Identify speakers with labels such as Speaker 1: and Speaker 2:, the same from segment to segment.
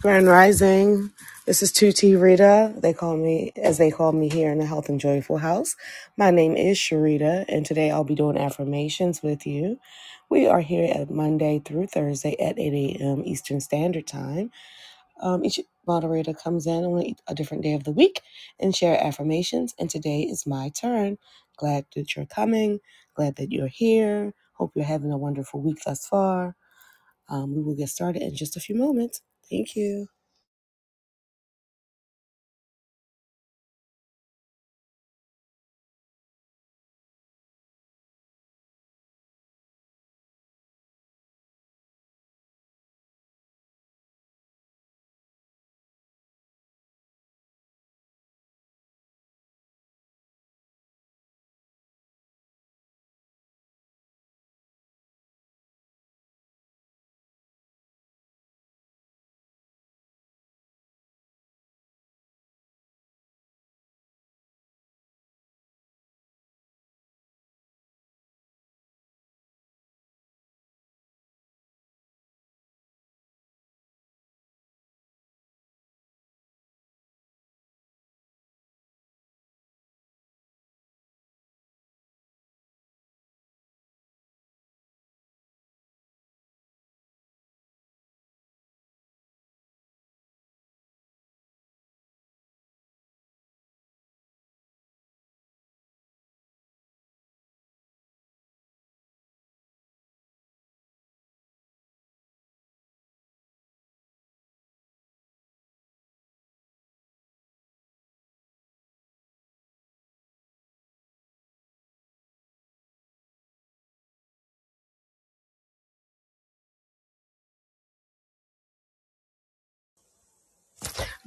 Speaker 1: Grand Rising. This is 2T Rita. They call me, as they call me here in the Health and Joyful House. My name is Sharita, and today I'll be doing affirmations with you. We are here at Monday through Thursday at 8 a.m. Eastern Standard Time. Um, each moderator comes in on a a different day of the week and share affirmations, and today is my turn. Glad that you're coming. Glad that you're here. Hope you're having a wonderful week thus far. Um, we will get started in just a few moments. Thank you.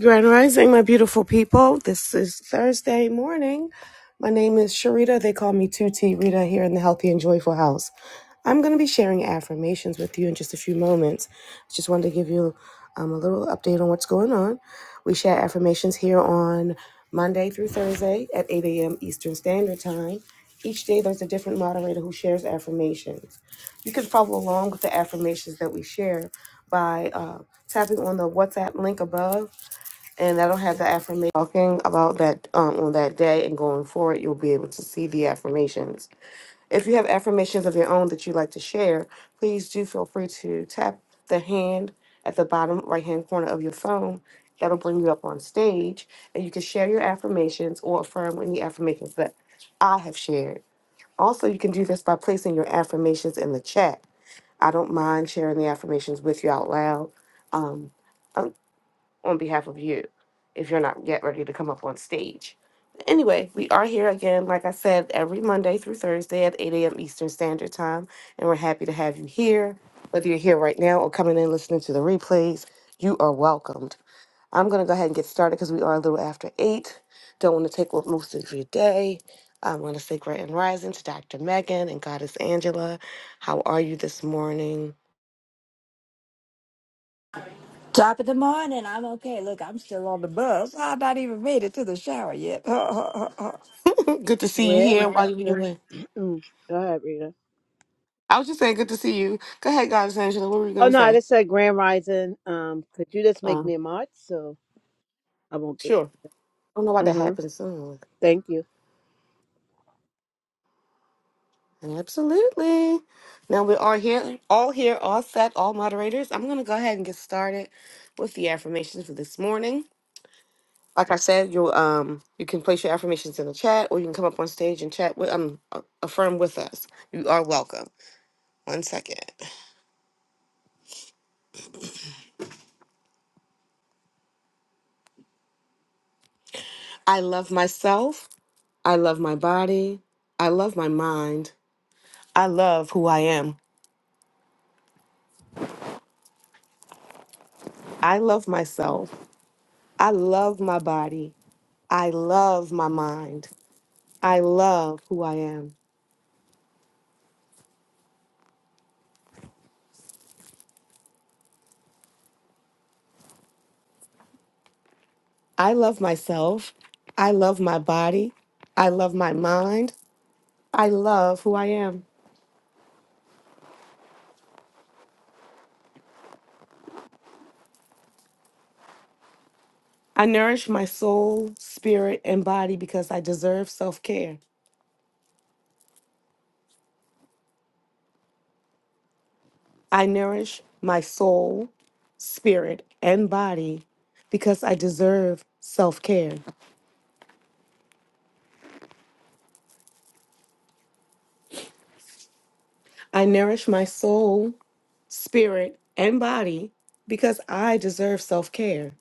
Speaker 1: Grand Rising, my beautiful people. This is Thursday morning. My name is Sharita. They call me 2T Rita here in the Healthy and Joyful House. I'm going to be sharing affirmations with you in just a few moments. Just wanted to give you um, a little update on what's going on. We share affirmations here on Monday through Thursday at 8 a.m. Eastern Standard Time. Each day, there's a different moderator who shares affirmations. You can follow along with the affirmations that we share by uh, tapping on the WhatsApp link above and I don't have the affirmation talking about that um, on that day and going forward, you'll be able to see the affirmations. If you have affirmations of your own that you'd like to share, please do feel free to tap the hand at the bottom right hand corner of your phone. That'll bring you up on stage and you can share your affirmations or affirm any affirmations that I have shared. Also, you can do this by placing your affirmations in the chat. I don't mind sharing the affirmations with you out loud. Um, um, on behalf of you if you're not yet ready to come up on stage. But Anyway, we are here again, like I said, every Monday through Thursday at 8 a.m. Eastern Standard Time, and we're happy to have you here. Whether you're here right now or coming in listening to the replays, you are welcomed. I'm going to go ahead and get started because we are a little after 8. Don't want to take up most of your day. I'm going to say great and rising to Dr. Megan and Goddess Angela. How are you this morning?
Speaker 2: Top of the morning. I'm okay. Look, I'm still on the bus. I've not even made it to the shower yet. oh,
Speaker 1: Good to see you
Speaker 3: Grand
Speaker 1: here. Why are you
Speaker 3: Rising.
Speaker 1: here?
Speaker 3: Mm, Go ahead, Rita.
Speaker 1: I was just saying, good to see you. Go ahead, guys, Angela. What were you
Speaker 3: Oh
Speaker 1: going to
Speaker 3: no, I
Speaker 1: say?
Speaker 3: just said Grand Rising. Um, could you just make
Speaker 1: Uh,
Speaker 3: me a mod so I won't be?
Speaker 1: sure. I don't know why
Speaker 3: Uh
Speaker 1: that
Speaker 3: huh.
Speaker 1: happened soon.
Speaker 3: Thank you.
Speaker 1: Absolutely. Now we are here, all here, all set, all moderators. I'm going to go ahead and get started with the affirmations for this morning. Like I said, you um you can place your affirmations in the chat, or you can come up on stage and chat with um a- affirm with us. You are welcome. One second. I love myself. I love my body. I love my mind. I love who I am. I love myself. I love my body. I love my mind. I love who I am. I love myself. I love my body. I love my mind. I love who I am. I nourish my soul, spirit, and body because I deserve self care. I nourish my soul, spirit, and body because I deserve self care. I nourish my soul, spirit, and body because I deserve self care.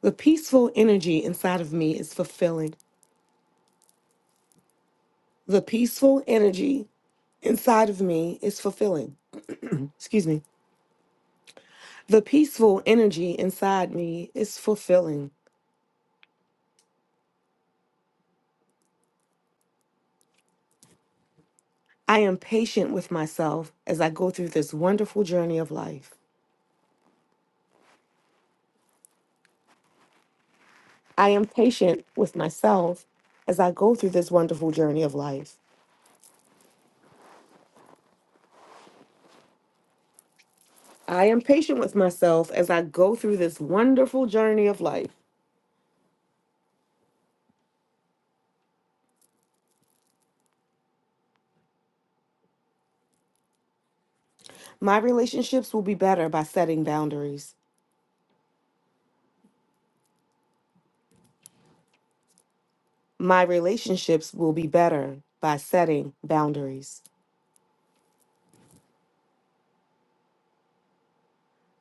Speaker 1: The peaceful energy inside of me is fulfilling. The peaceful energy inside of me is fulfilling. Excuse me. The peaceful energy inside me is fulfilling. I am patient with myself as I go through this wonderful journey of life. I am patient with myself as I go through this wonderful journey of life. I am patient with myself as I go through this wonderful journey of life. My relationships will be better by setting boundaries. My relationships will be better by setting boundaries.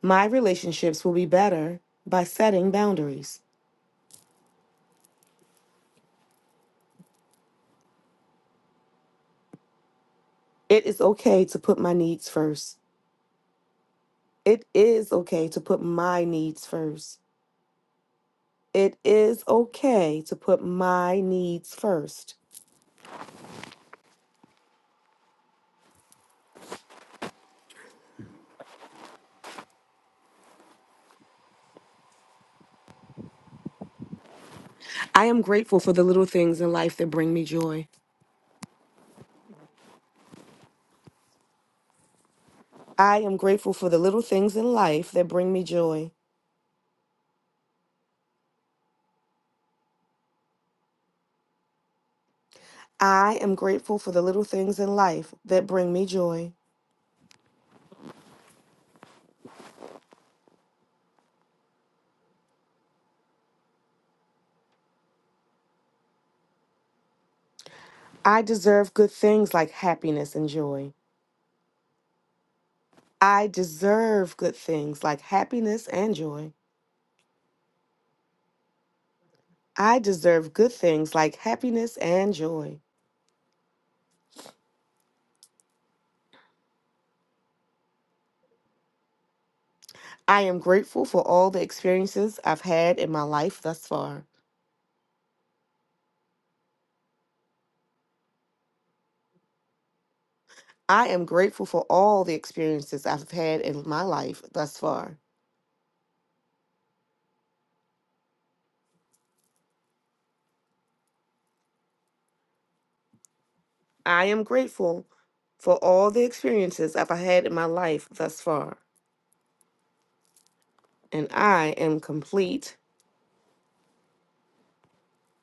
Speaker 1: My relationships will be better by setting boundaries. It is okay to put my needs first. It is okay to put my needs first. It is okay to put my needs first. I am grateful for the little things in life that bring me joy. I am grateful for the little things in life that bring me joy. I am grateful for the little things in life that bring me joy. I deserve good things like happiness and joy. I deserve good things like happiness and joy. I deserve good things like happiness and joy. I am grateful for all the experiences I've had in my life thus far. I am grateful for all the experiences I've had in my life thus far. I am grateful for all the experiences I've had in my life thus far. And I am complete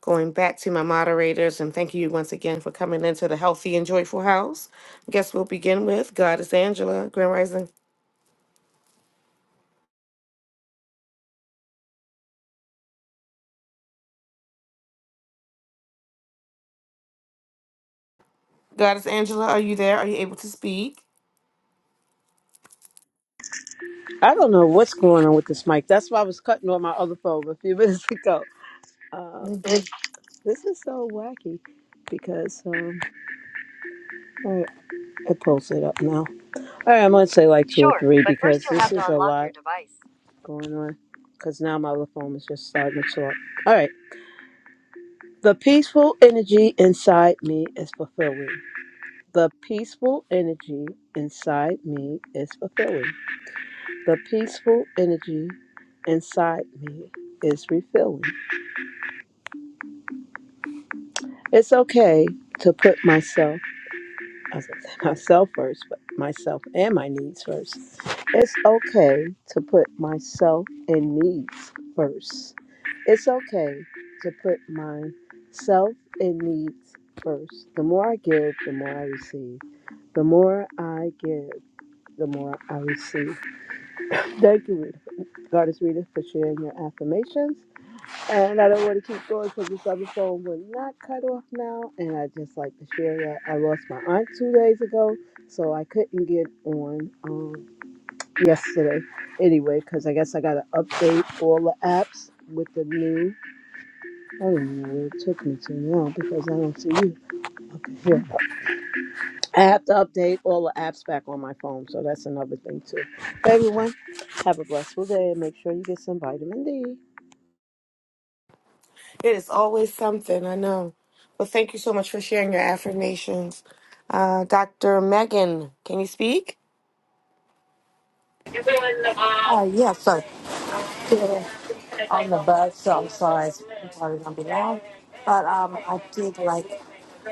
Speaker 1: Going back to my moderators, and thank you once again for coming into the Healthy and Joyful House. I guess we'll begin with Goddess Angela, Grand Rising. Goddess Angela, are you there? Are you able to speak?
Speaker 3: I don't know what's going on with this mic. That's why I was cutting on my other phone a few minutes ago. Um,
Speaker 1: Mm,
Speaker 3: this is so wacky because um, all right, it pulls it up now. All right, I'm gonna say like two or Sure, three but first because you'll this have to is a unlock your lot device. going on. Because now my other phone is just starting to show up. All right. The peaceful energy inside me is fulfilling. The peaceful energy inside me is fulfilling. The peaceful energy inside me is refilling. It's okay to put myself, I was gonna say myself first, but myself and my needs first. It's okay to put myself and needs first. It's okay to put myself and needs first. The more I give, the more I receive. The more I give, the more I receive. Thank you, Rita. Goddess Rita, for sharing your affirmations. And I don't want to keep going because this other phone will not cut off now. And I just like to share that I lost my aunt two days ago, so I couldn't get on um, yesterday anyway, because I guess I got to update all the apps with the new. I don't even know where it took me to now because I don't see you. Okay, here. I have to update all the apps back on my phone, so that's another thing too. Hey, Everyone, have a blessed day and make sure you get some vitamin D.
Speaker 1: It is always something, I know. Well, thank you so much for sharing your affirmations. Uh, Dr. Megan, can you speak?
Speaker 2: yes, sir. Still on the bus, so I'm sorry. It's probably going to be long. But um, I did like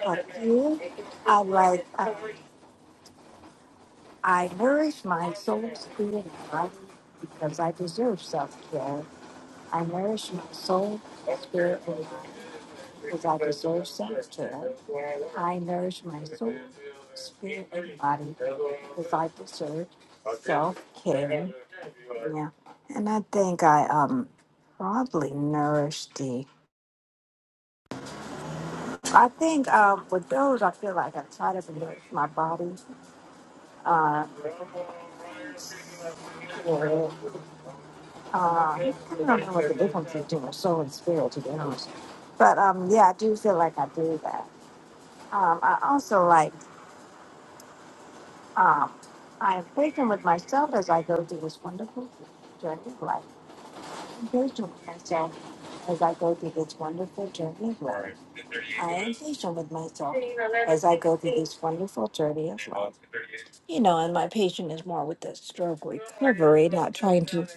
Speaker 2: a few. I like, uh, I nourish my soul, spirit, and body because I deserve self care. I nourish my soul, spirit, and body. because I deserve sanctity. I nourish my soul, spirit, and body because I deserve self care. Yeah. And I think I um probably nourish the I think um with those I feel like I try to nourish my body. Uh, yeah. uh I don't know what the difference is between soul and spirit to be honest. But um yeah, I do feel like I do that. Um I also like Um, I am patient with myself as I go through this wonderful journey of life engaging myself as I go through this wonderful journey of life. I am patient with myself as I go through this wonderful journey of life. You know, and my patient is more with the stroke recovery, not trying to,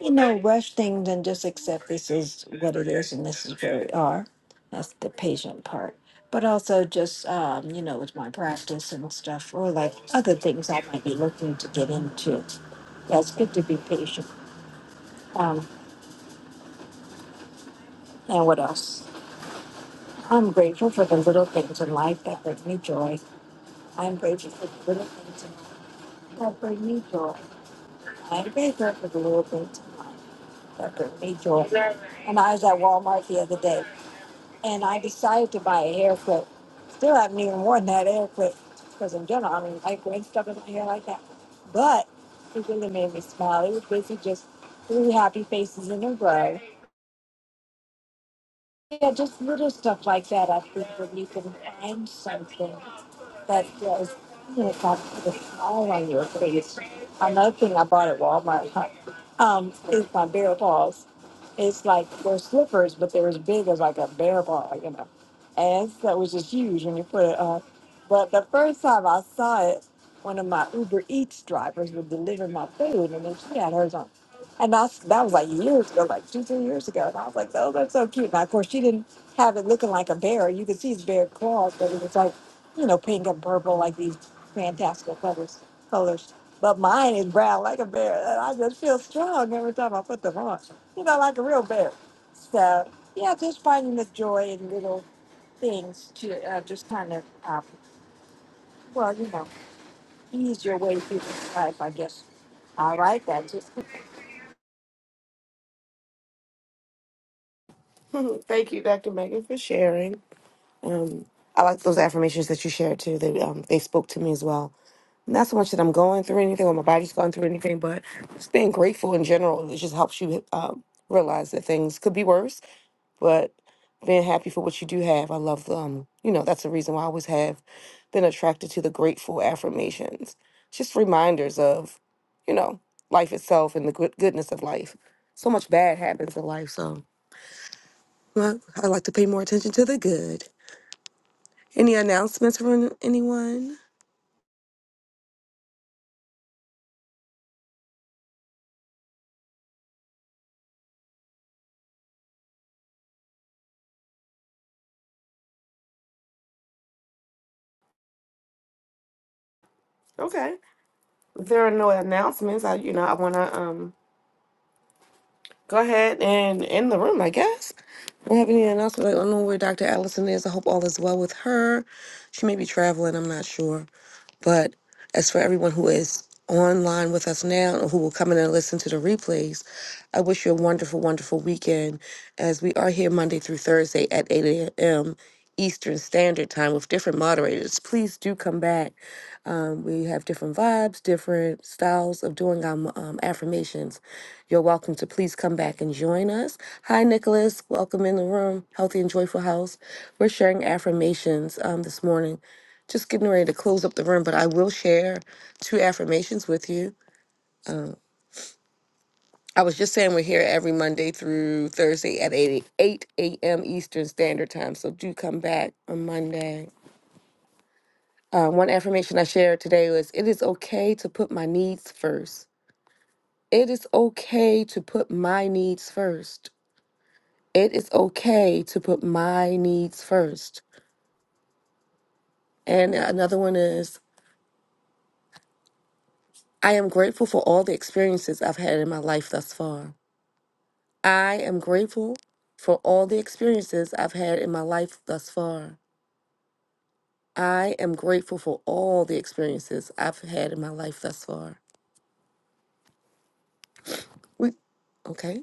Speaker 2: you know, rush things and just accept this is what it is and this is where we are. That's the patient part. But also just, um, you know, with my practice and stuff, or like other things I might be looking to get into. Yeah, it's good to be patient. Um, And what else? I'm grateful for the little things in life that bring me joy. I'm grateful for the little things in life that bring me joy. I'm grateful for the little things in life that bring me joy. And I was at Walmart the other day and I decided to buy a hair clip. Still haven't even worn that hair clip because in general I don't like wearing stuff in my hair like that. But it really made me smile. It was basically just three happy faces in a row Yeah, just little stuff like that. I think when you can find something that does you know, got the smile on your face. Another thing I bought at Walmart huh, um, is my bear paws. It's like they're slippers, but they're as big as like a bear paw, you know. And so, it was just huge when you put it on. But the first time I saw it, one of my Uber Eats drivers would deliver my food, and then she had hers on and I, that was like years ago, like two, three years ago. And I was like, oh, that's so cute. Now, of course, she didn't have it looking like a bear. You could see his bear claws, but it was like, you know, pink and purple, like these fantastical colors. colors. But mine is brown like a bear. And I just feel strong every time I put them on, you know, like a real bear. So, yeah, just finding the joy in little things to uh, just kind of, um, well, you know, ease your way through this life, I guess. All right, that's it.
Speaker 1: thank you, Dr. Megan, for sharing. Um, I like those affirmations that you shared too. They, um, they spoke to me as well. not so much that I'm going through anything or my body's going through anything, but just being grateful in general. It just helps you um, realize that things could be worse, but being happy for what you do have. I love, the, um, you know, that's the reason why I always have been attracted to the grateful affirmations. It's just reminders of, you know, life itself and the good goodness of life. So much bad happens in life, so well, I like to pay more attention to the good. Any announcements from anyone? Okay. If there are no announcements, I you know I want to um go ahead and end the room, I guess. We have any announcement? Like, I don't know where Dr. Allison is. I hope all is well with her. She may be traveling, I'm not sure. But as for everyone who is online with us now or who will come in and listen to the replays, I wish you a wonderful, wonderful weekend as we are here Monday through Thursday at 8 a.m. Eastern Standard Time with different moderators. Please do come back. Um, we have different vibes, different styles of doing our um, affirmations. You're welcome to please come back and join us. Hi, Nicholas. Welcome in the room, Healthy and Joyful House. We're sharing affirmations um, this morning just getting ready to close up the room, but I will share two affirmations with you. I was just saying we're here every Monday through Thursday at 8, 8 a.m. Eastern Standard Time, so do come back on Monday. Uh, one affirmation I shared today was It is okay to put my needs first. It is okay to put my needs first. It is okay to put my needs first. And another one is I am grateful for all the experiences I've had in my life thus far. I am grateful for all the experiences I've had in my life thus far. I am grateful for all the experiences I've had in my life thus far. We okay.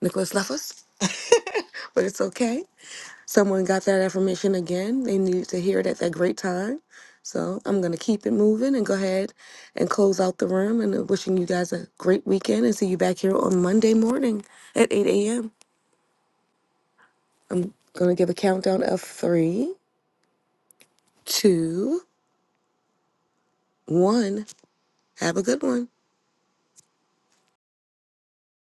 Speaker 1: Nicholas left us, but it's okay. Someone got that affirmation again. They needed to hear it at that great time. So I'm gonna keep it moving and go ahead and close out the room and uh, wishing you guys a great weekend and see you back here on Monday morning at 8 a.m. Gonna give a countdown of three, two, one. Have a good one.